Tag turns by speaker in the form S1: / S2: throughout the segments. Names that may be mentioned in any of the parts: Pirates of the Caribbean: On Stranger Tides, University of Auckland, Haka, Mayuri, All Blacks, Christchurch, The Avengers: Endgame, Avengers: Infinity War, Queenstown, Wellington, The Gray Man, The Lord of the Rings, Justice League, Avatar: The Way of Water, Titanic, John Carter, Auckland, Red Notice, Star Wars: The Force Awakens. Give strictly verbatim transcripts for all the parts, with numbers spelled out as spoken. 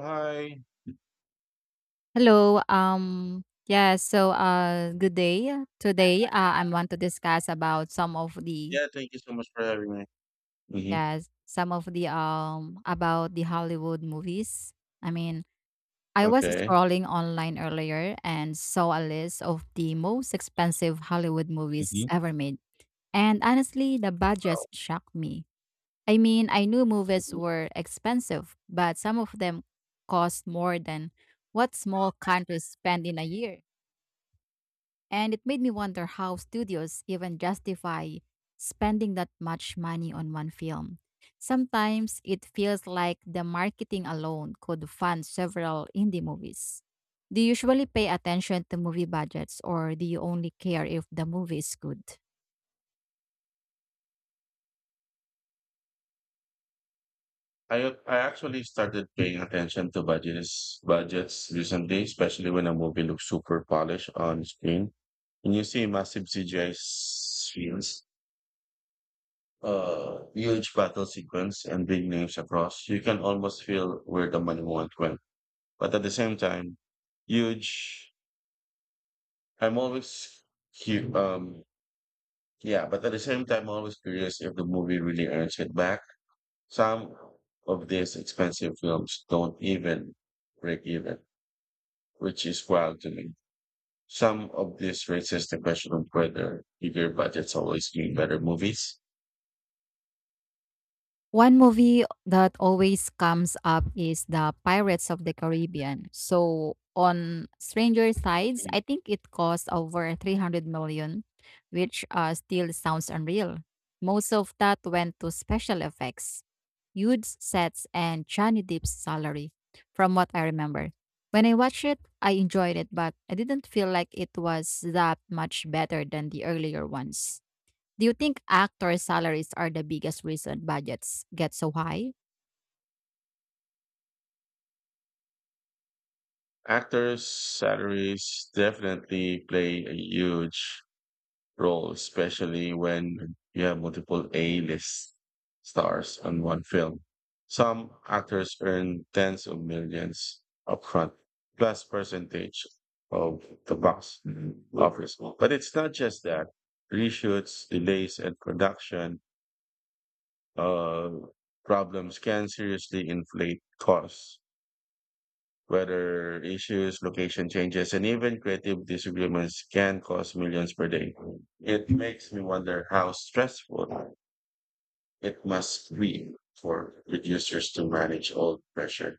S1: Hi.
S2: Hello. Um, yeah, so uh good day. uh, Today uh, I want to discuss about some of the
S1: Yeah, thank you so much for having me. hmm
S2: yes, some of the um about the Hollywood movies. I mean, I was
S1: Okay.
S2: scrolling online earlier and saw a list of the most expensive Hollywood movies
S1: Mhm,
S2: ever made. And honestly, the budgets shocked me. I mean, I knew movies
S1: mhm.
S2: were expensive, but some of them cost more than what small countries spend in a year. And it made me wonder how studios even justify spending that much money on one film. Sometimes it feels like the marketing alone could fund several indie movies. Do you usually pay attention to movie budgets or do you only care if the movie is good?
S1: I I actually started paying attention to budgets budgets recently, especially when a movie looks super polished on screen and you see massive C G I scenes, uh, huge battle sequence, and big names across. You can almost feel where the money went went, but at the same time, huge. I'm always cu- um yeah, but at the same time, always curious if the movie really earns it back. Some of these expensive films don't even break even, which is wild to me. Some of this raises the question of whether bigger budgets always mean better movies.
S2: One movie that always comes up is the Pirates of the Caribbean: So on Stranger Tides.
S1: Mm.
S2: I think it cost over three hundred million, which uh, still sounds unreal. Most of that went to special effects, huge sets, and Johnny Depp's salary, from what I remember. When I watched it, I enjoyed it, but I didn't feel like it was that much better than the earlier ones. Do you think actor salaries are the biggest reason budgets get so high?
S1: Actors' salaries definitely play a huge role, especially when you have multiple A-list stars on one film. Some actors earn tens of millions upfront, plus percentage of the box office. But it's not just that. Reshoots, delays, and production uh, problems can seriously inflate costs. Weather issues, location changes, and even creative disagreements can cost millions per day. It makes me wonder how stressful it must be for producers to manage all the pressure.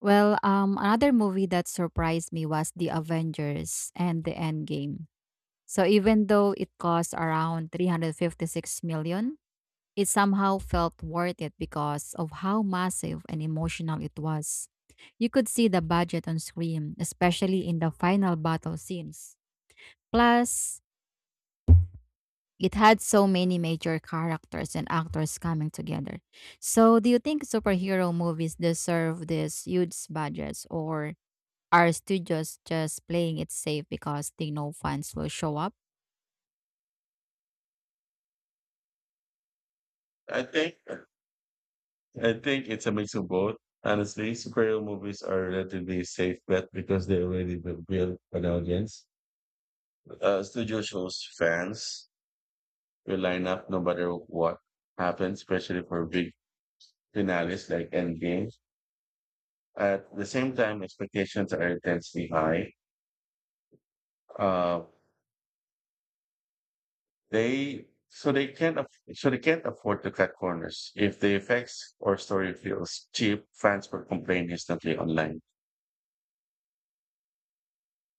S2: Well, um, another movie that surprised me was The Avengers and The Endgame. So even though it cost around three hundred fifty-six million, it somehow felt worth it because of how massive and emotional it was. You could see the budget on screen, especially in the final battle scenes. Plus, it had so many major characters and actors coming together. So, do you think superhero movies deserve these huge budgets, or are studios just playing it safe because they know fans will show up?
S1: I think I think it's a mix of both. Honestly, superhero movies are a relatively safe bet because they already bu- build an audience. Uh, studio shows fans will line up no matter what happens, especially for big finales like Endgame. At the same time, expectations are intensely high. Uh, they so they can't aff- so they can't afford to cut corners. If the effects or story feels cheap, fans will complain instantly online.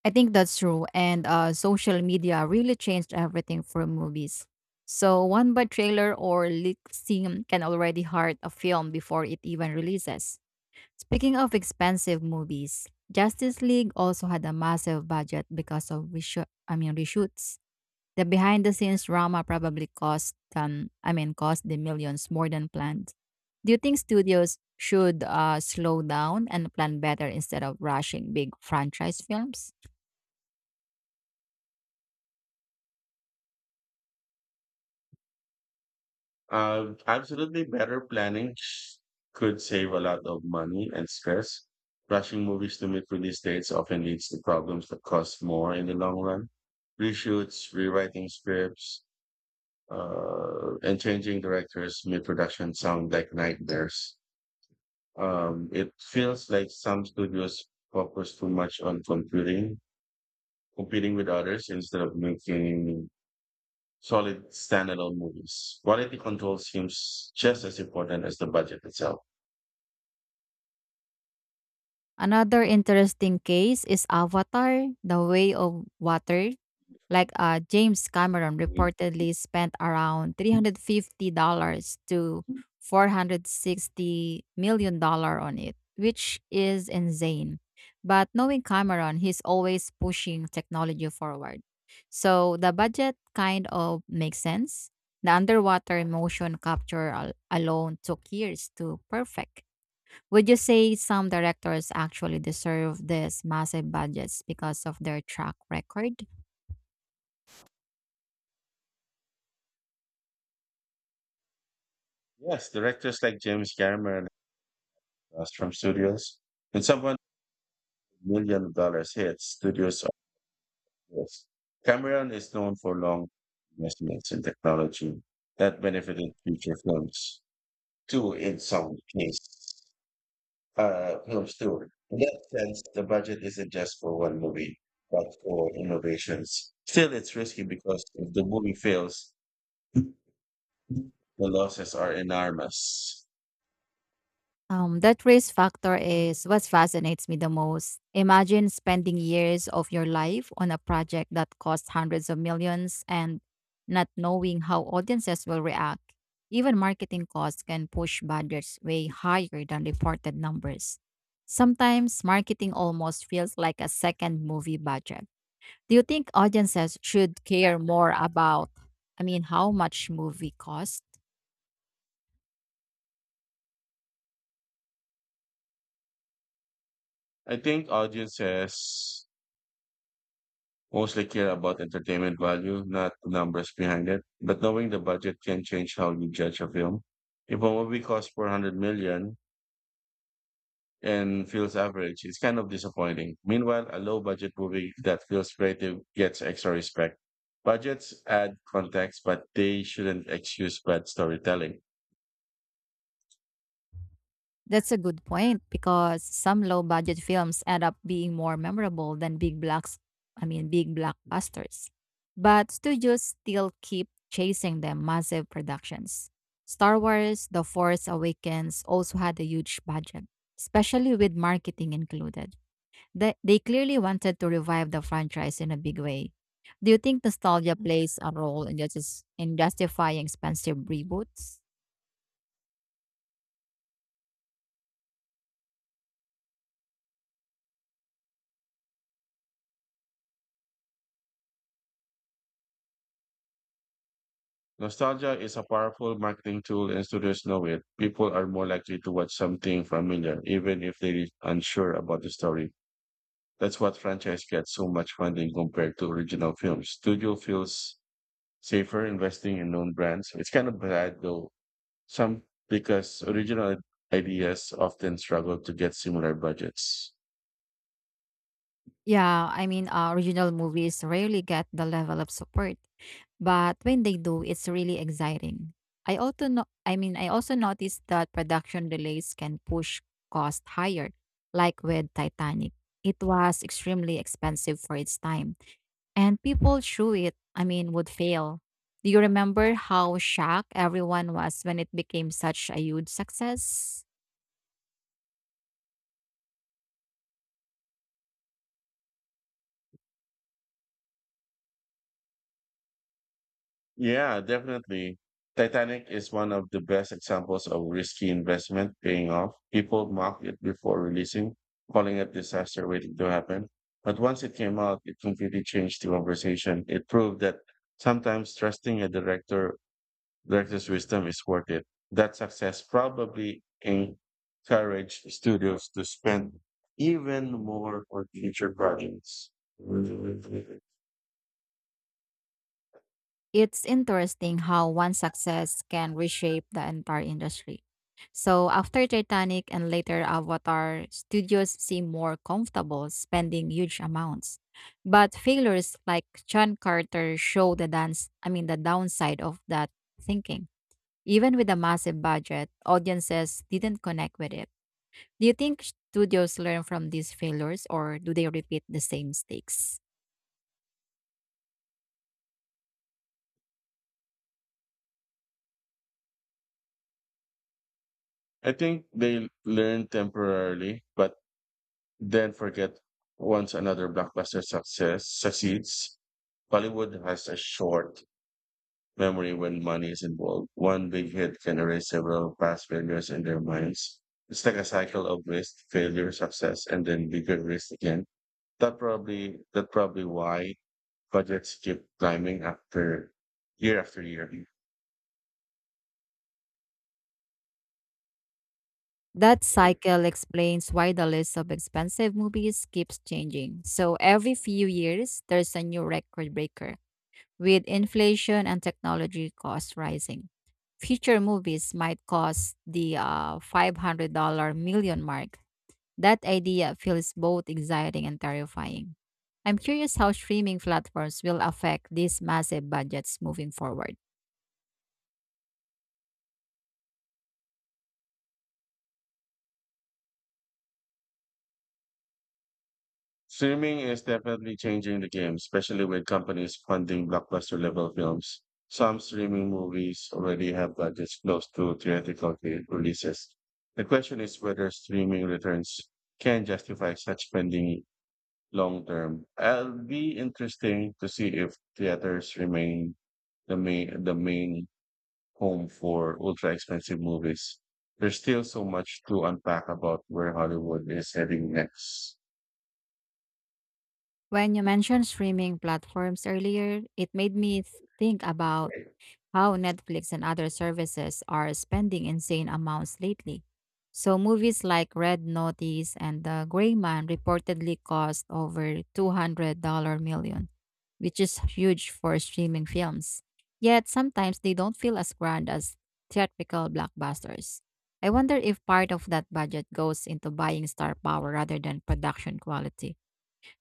S2: I think that's true, and uh, social media really changed everything for movies. So, one bad trailer or leak scene can already hurt a film before it even releases. Speaking of expensive movies, Justice League also had a massive budget because of reshoot, I mean reshoots. The behind the scenes drama probably cost um I mean cost the millions more than planned. Do you think studios should uh, slow down and plan better instead of rushing big franchise films?
S1: Uh, absolutely, better planning sh- could save a lot of money and stress. Rushing movies to meet release dates often leads to problems that cost more in the long run. Reshoots, rewriting scripts, uh, and changing directors mid-production sound like nightmares. Um, it feels like some studios focus too much on competing, competing with others instead of making solid standalone movies. Quality control seems just as important as the budget itself.
S2: Another interesting case is Avatar: The Way of Water. Like uh, James Cameron reportedly spent around three hundred fifty dollars to $460 million dollars on it, which is insane. But knowing Cameron, he's always pushing technology forward. So the budget kind of makes sense. The underwater motion capture al- alone took years to perfect. Would you say some directors actually deserve these massive budgets because of their track record?
S1: Yes, directors like James Cameron uh, from studios, and someone with million dollars hits, studios. Yes. Cameron is known for long investments in technology that benefited future films, too, in some cases. Uh, films, too. In that sense, the budget isn't just for one movie, but for innovations. Still, it's risky because if the movie fails, the losses are enormous.
S2: Um, that risk factor is what fascinates me the most. Imagine spending years of your life on a project that costs hundreds of millions and not knowing how audiences will react. Even marketing costs can push budgets way higher than reported numbers. Sometimes marketing almost feels like a second movie budget. Do you think audiences should care more about, I mean, how much movie costs?
S1: I think audiences mostly care about entertainment value, not the numbers behind it. But knowing the budget can change how you judge a film. If a movie costs four hundred million and feels average, it's kind of disappointing. Meanwhile, a low budget movie that feels creative gets extra respect. Budgets add context, but they shouldn't excuse bad storytelling.
S2: That's a good point because some low budget films end up being more memorable than big blocks I mean big blockbusters. But studios still keep chasing the massive productions. Star Wars The Force Awakens also had a huge budget, especially with marketing included. They, they clearly wanted to revive the franchise in a big way. Do you think nostalgia plays a role in, just, in justifying expensive reboots?
S1: Nostalgia is a powerful marketing tool and studios know it. People are more likely to watch something familiar, even if they're unsure about the story. That's what franchise gets so much funding compared to original films. Studio feels safer investing in known brands. It's kind of bad though. Some, because original ideas often struggle to get similar budgets.
S2: Yeah, I mean, uh, original movies rarely get the level of support, but when they do, it's really exciting. I also no- I mean, I also noticed that production delays can push cost higher, like with Titanic. It was extremely expensive for its time, and people through it, I mean, would fail. Do you remember how shocked everyone was when it became such a huge success?
S1: Yeah, definitely. Titanic is one of the best examples of risky investment paying off. People mocked it before releasing, calling it disaster waiting to happen. But once it came out, it completely changed the conversation. It proved that sometimes trusting a director director's wisdom is worth it. That success probably encouraged studios to spend even more on future projects.
S2: It's interesting how one success can reshape the entire industry. So, after Titanic and later Avatar, studios seem more comfortable spending huge amounts. But failures like John Carter show the dance, I mean the downside of that thinking. Even with a massive budget, audiences didn't connect with it. Do you think studios learn from these failures or do they repeat the same mistakes?
S1: I think they learn temporarily, but then forget once another blockbuster success succeeds. Bollywood has a short memory when money is involved. One big hit can erase several past failures in their minds. It's like a cycle of risk, failure, success, and then bigger risk again. That probably that probably why budgets keep climbing after year after year.
S2: That cycle explains why the list of expensive movies keeps changing. So every few years, there's a new record breaker with inflation and technology costs rising. Future movies might cost the uh, five hundred million dollars mark. That idea feels both exciting and terrifying. I'm curious how streaming platforms will affect these massive budgets moving forward.
S1: Streaming is definitely changing the game, especially with companies funding blockbuster level films. Some streaming movies already have budgets close to theatrical re- releases. The question is whether streaming returns can justify such spending long term. It'll be interesting to see if theaters remain the main the main home for ultra expensive movies. There's still so much to unpack about where Hollywood is heading next.
S2: When you mentioned streaming platforms earlier, it made me th- think about how Netflix and other services are spending insane amounts lately. So, movies like Red Notice and The Gray Man reportedly cost over two hundred million dollars, which is huge for streaming films. Yet, sometimes they don't feel as grand as theatrical blockbusters. I wonder if part of that budget goes into buying star power rather than production quality.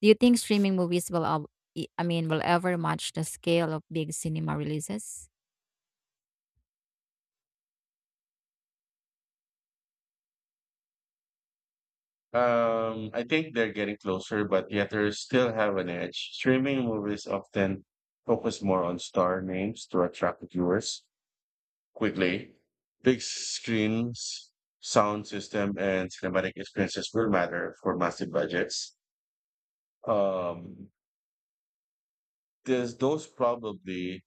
S2: Do you think streaming movies will, al- I I mean, will ever match the scale of big cinema releases?
S1: Um, I think they're getting closer, but theaters still have an edge. Streaming movies often focus more on star names to attract viewers quickly. Big screens, sound system, and cinematic experiences will matter for massive budgets. Um, there's those probably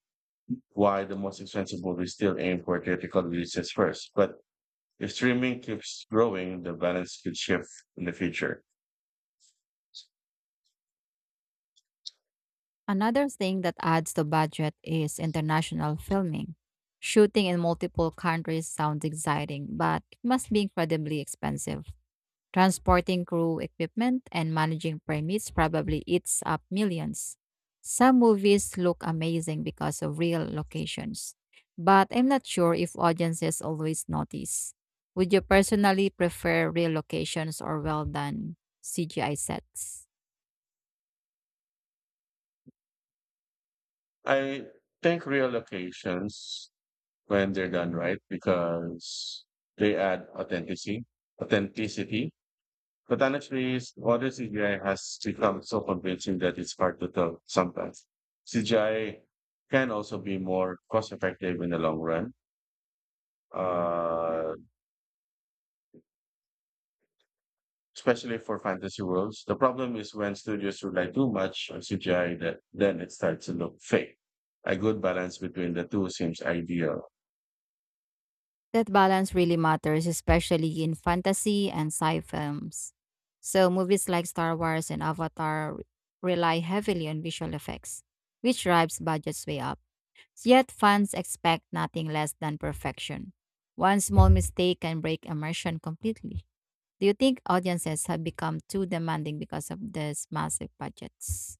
S1: why the most expensive movies still aim for theatrical releases first. But if streaming keeps growing, the balance could shift in the future.
S2: Another thing that adds to budget is international filming. Shooting in multiple countries sounds exciting, but it must be incredibly expensive. Transporting crew, equipment, and managing permits probably eats up millions. Some movies look amazing because of real locations, but I'm not sure if audiences always notice. Would you personally prefer real locations or well done C G I sets?
S1: I think reallocations, when they're done right, because they add authenticity, authenticity. But honestly, modern C G I has become so convincing that it's hard to tell sometimes. C G I can also be more cost effective in the long run. Uh, Especially for fantasy worlds. The problem is when studios rely too much on C G I that then it starts to look fake. A good balance between the two seems ideal.
S2: That balance really matters, especially in fantasy and sci films. So, movies like Star Wars and Avatar re- rely heavily on visual effects, which drives budgets way up. Yet, fans expect nothing less than perfection. One small mistake can break immersion completely. Do you think audiences have become too demanding because of these massive budgets?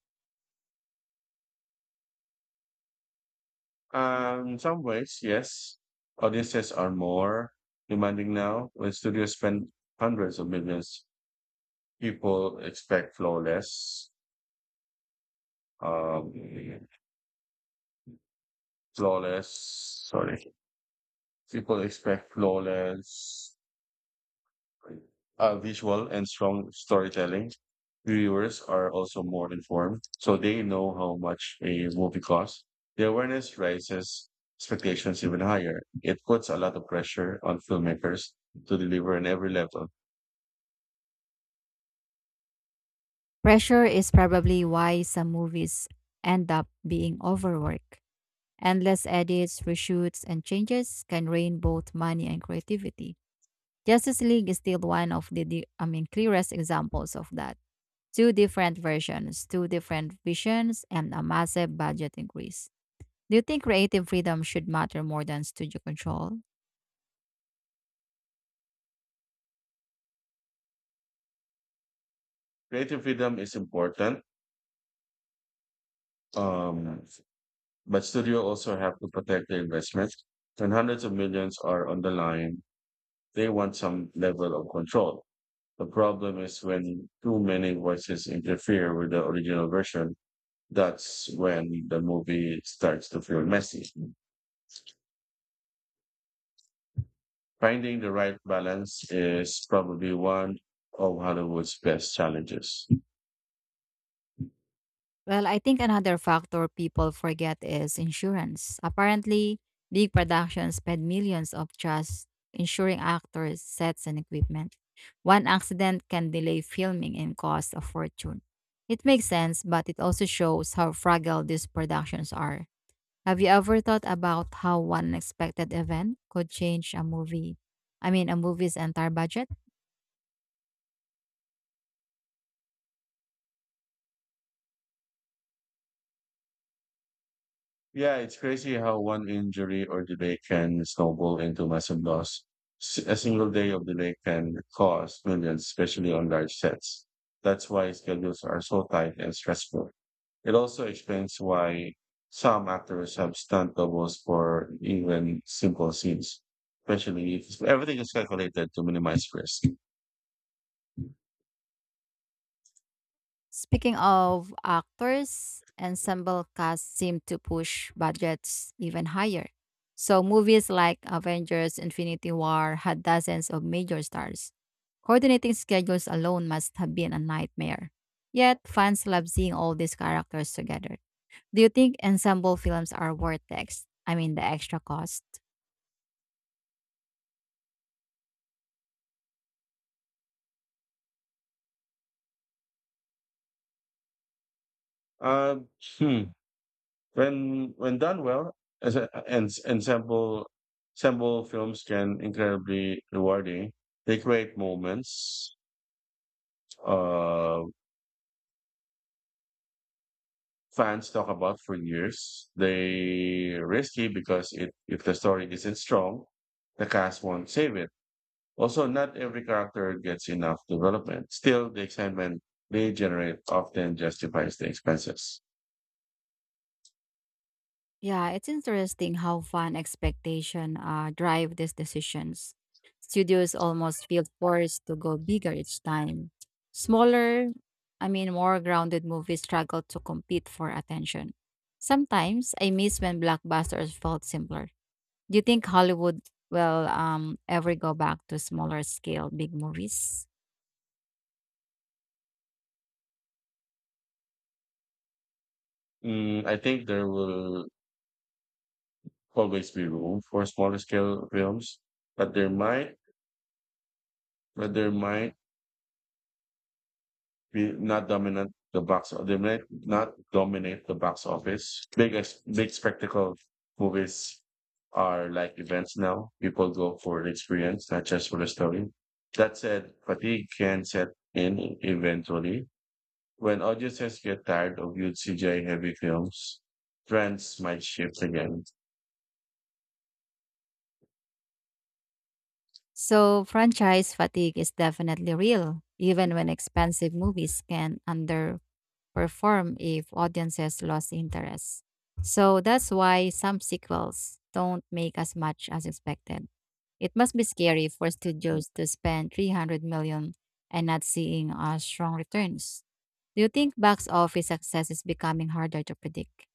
S1: Um, in some ways, yes, audiences are more demanding now. When studios spend hundreds of millions, people expect flawless, um, flawless, sorry, people expect flawless uh, visual and strong storytelling. Viewers are also more informed, so they know how much a movie costs. The awareness raises expectations even higher. It puts a lot of pressure on filmmakers to deliver on every level.
S2: Pressure is probably why some movies end up being overworked. Endless edits, reshoots, and changes can drain both money and creativity. Justice League is still one of the, the I mean clearest examples of that. Two different versions, two different visions, and a massive budget increase. Do you think creative freedom should matter more than studio control?
S1: Creative freedom is important, um, but studio also have to protect their investments. When hundreds of millions are on the line, they want some level of control. The problem is when too many voices interfere with the original version. That's when the movie starts to feel messy. Finding the right balance is probably one of Hollywood's best challenges.
S2: Well, I think another factor people forget is insurance. Apparently, big productions spend millions of just insuring actors, sets, and equipment. One accident can delay filming and cost a fortune. It makes sense, but it also shows how fragile these productions are. Have you ever thought about how one unexpected event could change a movie? I mean, a movie's entire budget?
S1: Yeah, it's crazy how one injury or delay can snowball into massive loss. S- A single day of delay can cost millions, especially on large sets. That's why schedules are so tight and stressful. It also explains why some actors have stunt doubles for even simple scenes, especially if everything is calculated to minimize risk.
S2: Speaking of actors, ensemble casts seem to push budgets even higher. So movies like Avengers Infinity War had dozens of major stars. Coordinating schedules alone must have been a nightmare. Yet fans love seeing all these characters together. Do you think ensemble films are worth the ex- I mean the extra cost?
S1: Um, hmm. When when done well, as a, and ensemble ensemble films can incredibly rewarding. They create moments uh, fans talk about for years. They risky because it, if the story isn't strong, the cast won't save it. Also, not every character gets enough development. Still, the excitement they generate often justifies the expenses.
S2: Yeah, it's interesting how fan expectation uh, drive these decisions. Studios almost feel forced to go bigger each time. Smaller, I mean, more grounded movies struggle to compete for attention. Sometimes I miss when blockbusters felt simpler. Do you think Hollywood will um, ever go back to smaller scale big movies?
S1: Mm, I think there will always be room for smaller scale films, but there might but they might be not dominant the box. They might not dominate the box office. Big ex- big spectacle movies are like events now. People go for the experience, not just for the story. That said, fatigue can set in eventually, when audiences get tired of huge C G I heavy films, trends might shift again.
S2: So, franchise fatigue is definitely real, even when expensive movies can underperform. Perform if audiences lost interest. So that's why some sequels don't make as much as expected. It must be scary for studios to spend three hundred million and not seeing uh, strong returns. Do you think box office success is becoming harder to predict?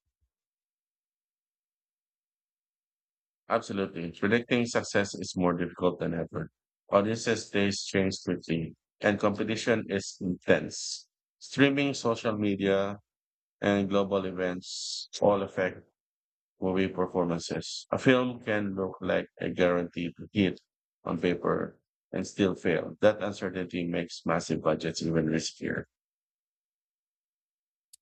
S1: Absolutely. Predicting success is more difficult than ever. Audiences taste change quickly, and competition is intense. Streaming, social media, and global events all affect movie performances. A film can look like a guaranteed hit on paper and still fail. That uncertainty makes massive budgets even riskier.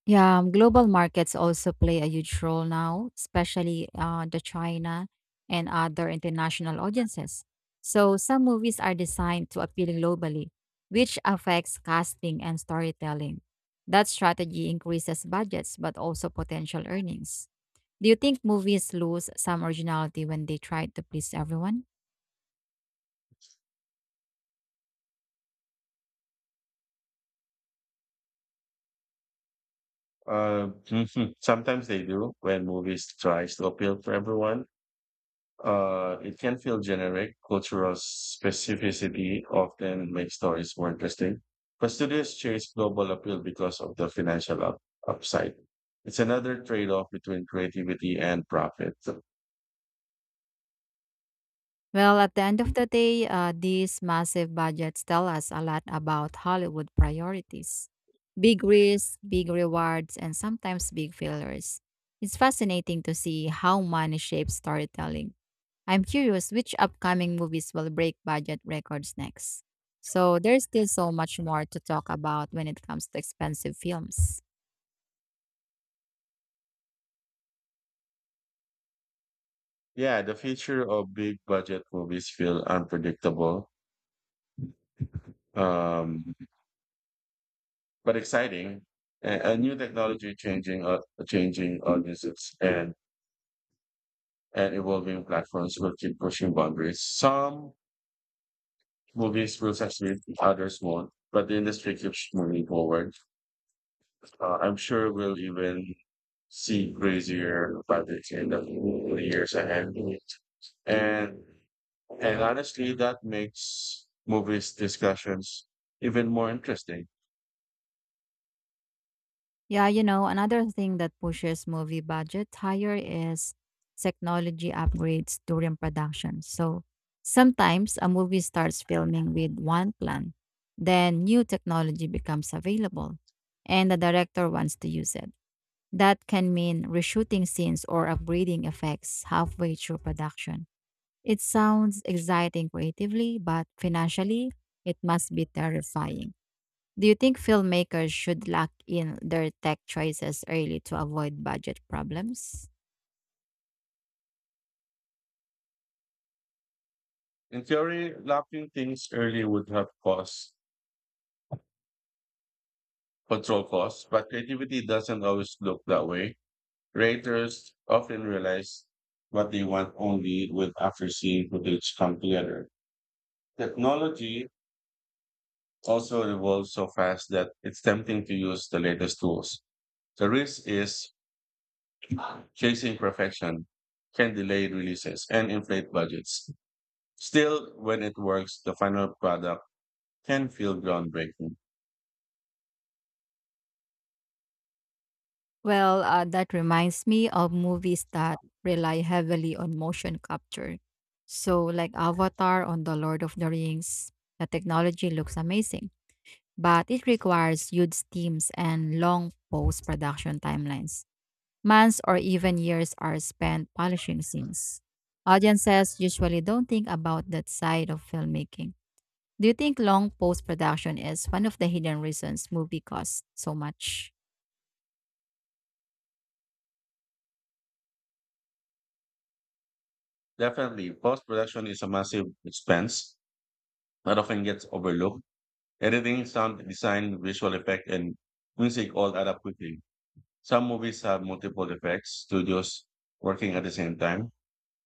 S2: Yeah, um, global markets also play a huge role now, especially uh, the China and other international audiences. So some movies are designed to appeal globally, which affects casting and storytelling. That strategy increases budgets but also potential earnings. Do you think movies lose some originality when they try to please everyone?
S1: Uh, sometimes they do when movies tries to appeal to everyone. Uh, it can feel generic. Cultural specificity often makes stories more interesting. But studios chase global appeal because of the financial up- upside. It's another trade off between creativity and profit.
S2: Well, at the end of the day, uh, these massive budgets tell us a lot about Hollywood priorities. Big risks, big rewards, and sometimes big failures. It's fascinating to see how money shapes storytelling. I'm curious which upcoming movies will break budget records next. So, there's still so much more to talk about when it comes to expensive films.
S1: Yeah, the future of big budget movies feel unpredictable, um, but exciting. A, a new technology changing, uh, changing audiences and and evolving platforms will keep pushing boundaries. Some movies will succeed, others won't, but the industry keeps moving forward. Uh, I'm sure we'll even see crazier projects in the years ahead. And and honestly, that makes movies discussions even more interesting.
S2: Yeah, you know, another thing that pushes movie budget higher is technology upgrades during production. So sometimes a movie starts filming with one plan, then new technology becomes available, and the director wants to use it. That can mean reshooting scenes or upgrading effects halfway through production. It sounds exciting creatively, but financially, it must be terrifying. Do you think filmmakers should lock in their tech choices early to avoid budget problems?
S1: In theory, lapping things early would have cost control costs, but creativity doesn't always look that way. Creators often realize what they want only with after seeing footage come together. Technology also evolves so fast that it's tempting to use the latest tools. The risk is chasing perfection can delay releases and inflate budgets. Still, when it works, the final product can feel groundbreaking.
S2: Well, uh, that reminds me of movies that rely heavily on motion capture. So, like Avatar on The Lord of the Rings, the technology looks amazing, but it requires huge teams and long post production timelines. Months or even years are spent polishing scenes. Audiences usually don't think about that side of filmmaking. Do you think long post production is one of the hidden reasons movie costs so much?
S1: Definitely, post production is a massive expense that often gets overlooked. Editing, sound design, visual effect, and music all add up quickly. Some movies have multiple effects studios working at the same time.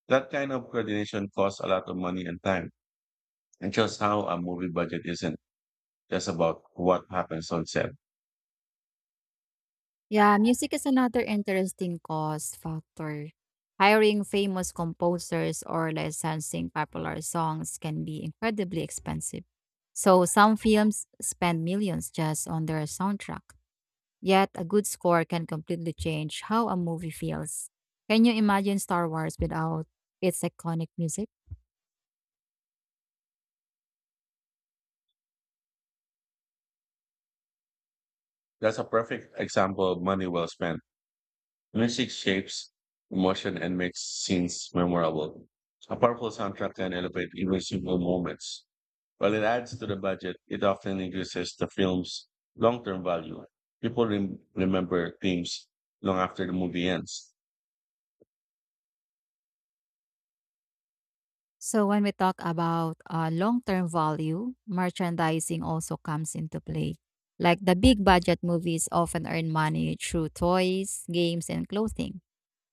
S1: That kind of coordination costs a lot of money and time. And just how a movie budget isn't just about what happens on set.
S2: Yeah, music is another interesting cost factor. Hiring famous composers or licensing popular songs can be incredibly expensive. So some films spend millions just on their soundtrack. Yet a good score can completely change how a movie feels. Can you imagine Star Wars without its iconic music?
S1: That's a perfect example of money well spent. Music shapes emotion and makes scenes memorable. A powerful soundtrack can elevate even simple moments. While it adds to the budget, it often increases the film's long term value. People rem- remember themes long after the movie ends.
S2: So when we talk about uh, long-term value, merchandising also comes into play. Like the big budget movies often earn money through toys, games, and clothing.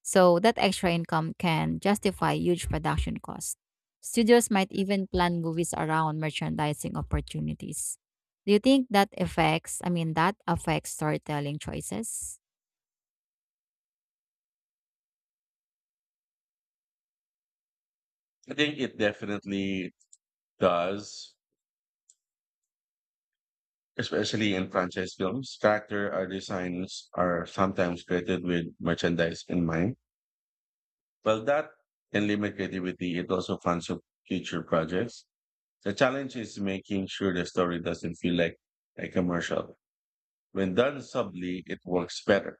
S2: So that extra income can justify huge production costs. Studios might even plan movies around merchandising opportunities. Do you think that affects, I mean, that affects storytelling choices?
S1: I think it definitely does. Especially in franchise films, character or designs are sometimes created with merchandise in mind. Well, that can limit creativity. It also funds of future projects. The challenge is making sure the story doesn't feel like a commercial. When done subtly, it works better.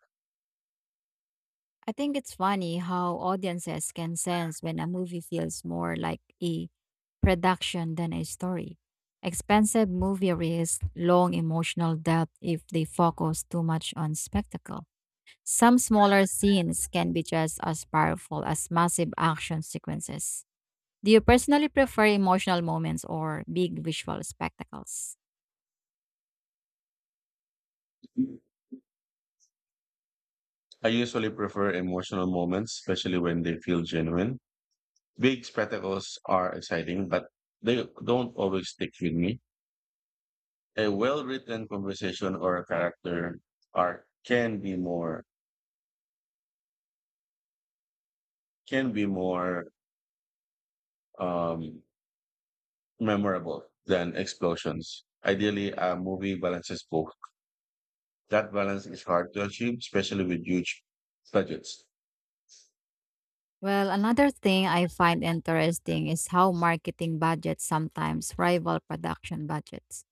S2: I think it's funny how audiences can sense when a movie feels more like a production than a story. Expensive movie risk long emotional depth if they focus too much on spectacle. Some smaller scenes can be just as powerful as massive action sequences. Do you personally prefer emotional moments or big visual spectacles?
S1: I usually prefer emotional moments, especially when they feel genuine. Big spectacles are exciting, but they don't always stick with me. A well-written conversation or a character arc can be more can be more um, memorable than explosions. Ideally, a movie balances both. That balance is hard to achieve, especially with huge budgets.
S2: Well, another thing I find interesting is how marketing budgets sometimes rival production budgets.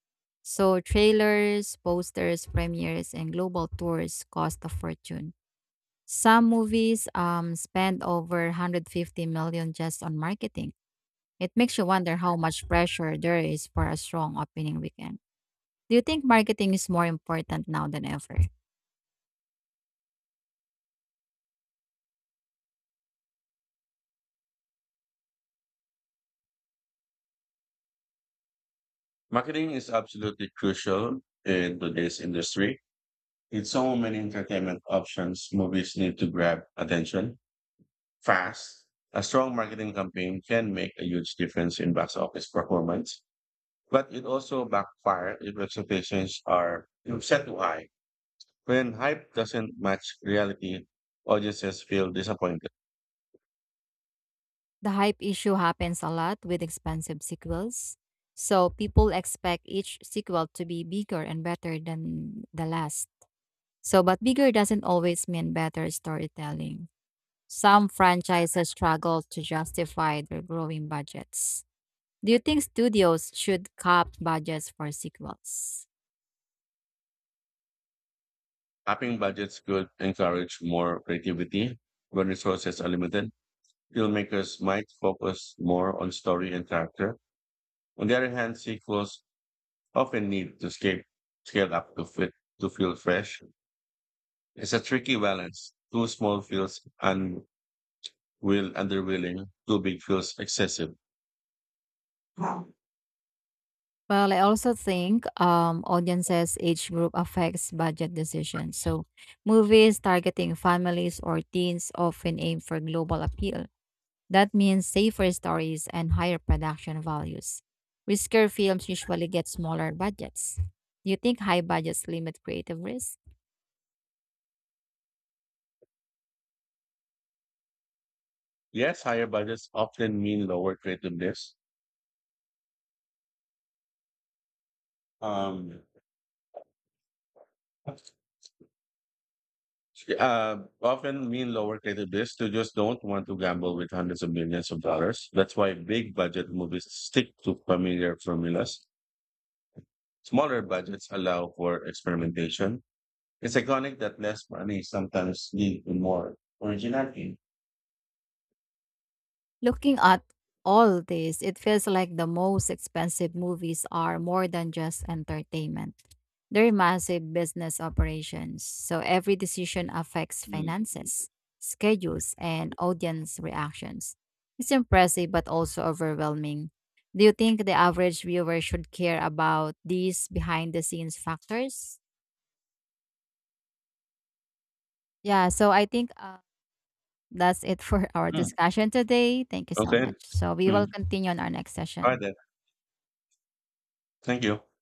S2: So, trailers, posters, premieres, and global tours cost a fortune. Some movies um, spend over one hundred fifty million just on marketing. It makes you wonder how much pressure there is for a strong opening weekend. Do you think marketing is more important now than ever?
S1: Marketing is absolutely crucial in today's industry. With so many entertainment options, movies need to grab attention fast. A strong marketing campaign can make a huge difference in box office performance. But it also backfires if expectations are set too high. When hype doesn't match reality, audiences feel disappointed.
S2: The hype issue happens a lot with expensive sequels. So people expect each sequel to be bigger and better than the last. So, but bigger doesn't always mean better storytelling. Some franchises struggle to justify their growing budgets. Do you think studios should cap budgets for sequels?
S1: Upping budgets could encourage more creativity when resources are limited. Filmmakers might focus more on story and character. On the other hand, sequels often need to scale, scale up to fit to feel fresh. It's a tricky balance. Too small feels un will underwhelming. Too big feels excessive.
S2: Well, I also think um, audiences age group affects budget decisions. So, movies targeting families or teens often aim for global appeal. That means safer stories and higher production values. Riskier films usually get smaller budgets. Do you think high budgets limit creative risk?
S1: Yes, higher budgets often mean lower creativeness. Um, uh, often mean lower creativeness. Studios don't want to gamble with hundreds of millions of dollars. That's why big budget movies stick to familiar formulas. Smaller budgets allow for experimentation. It's iconic that less money sometimes leads to more originality.
S2: Looking at all this, it feels like the most expensive movies are more than just entertainment. They're massive business operations, so every decision affects
S1: Mm.
S2: finances, schedules, and audience reactions. It's impressive but also overwhelming. Do you think the average viewer should care about these behind the scenes factors? Yeah, so I think uh, that's it for our
S1: Mm.
S2: discussion today. Thank you so
S1: Okay.
S2: much. So we will
S1: Mm.
S2: continue on our next
S1: All
S2: session.
S1: right then. Thank you.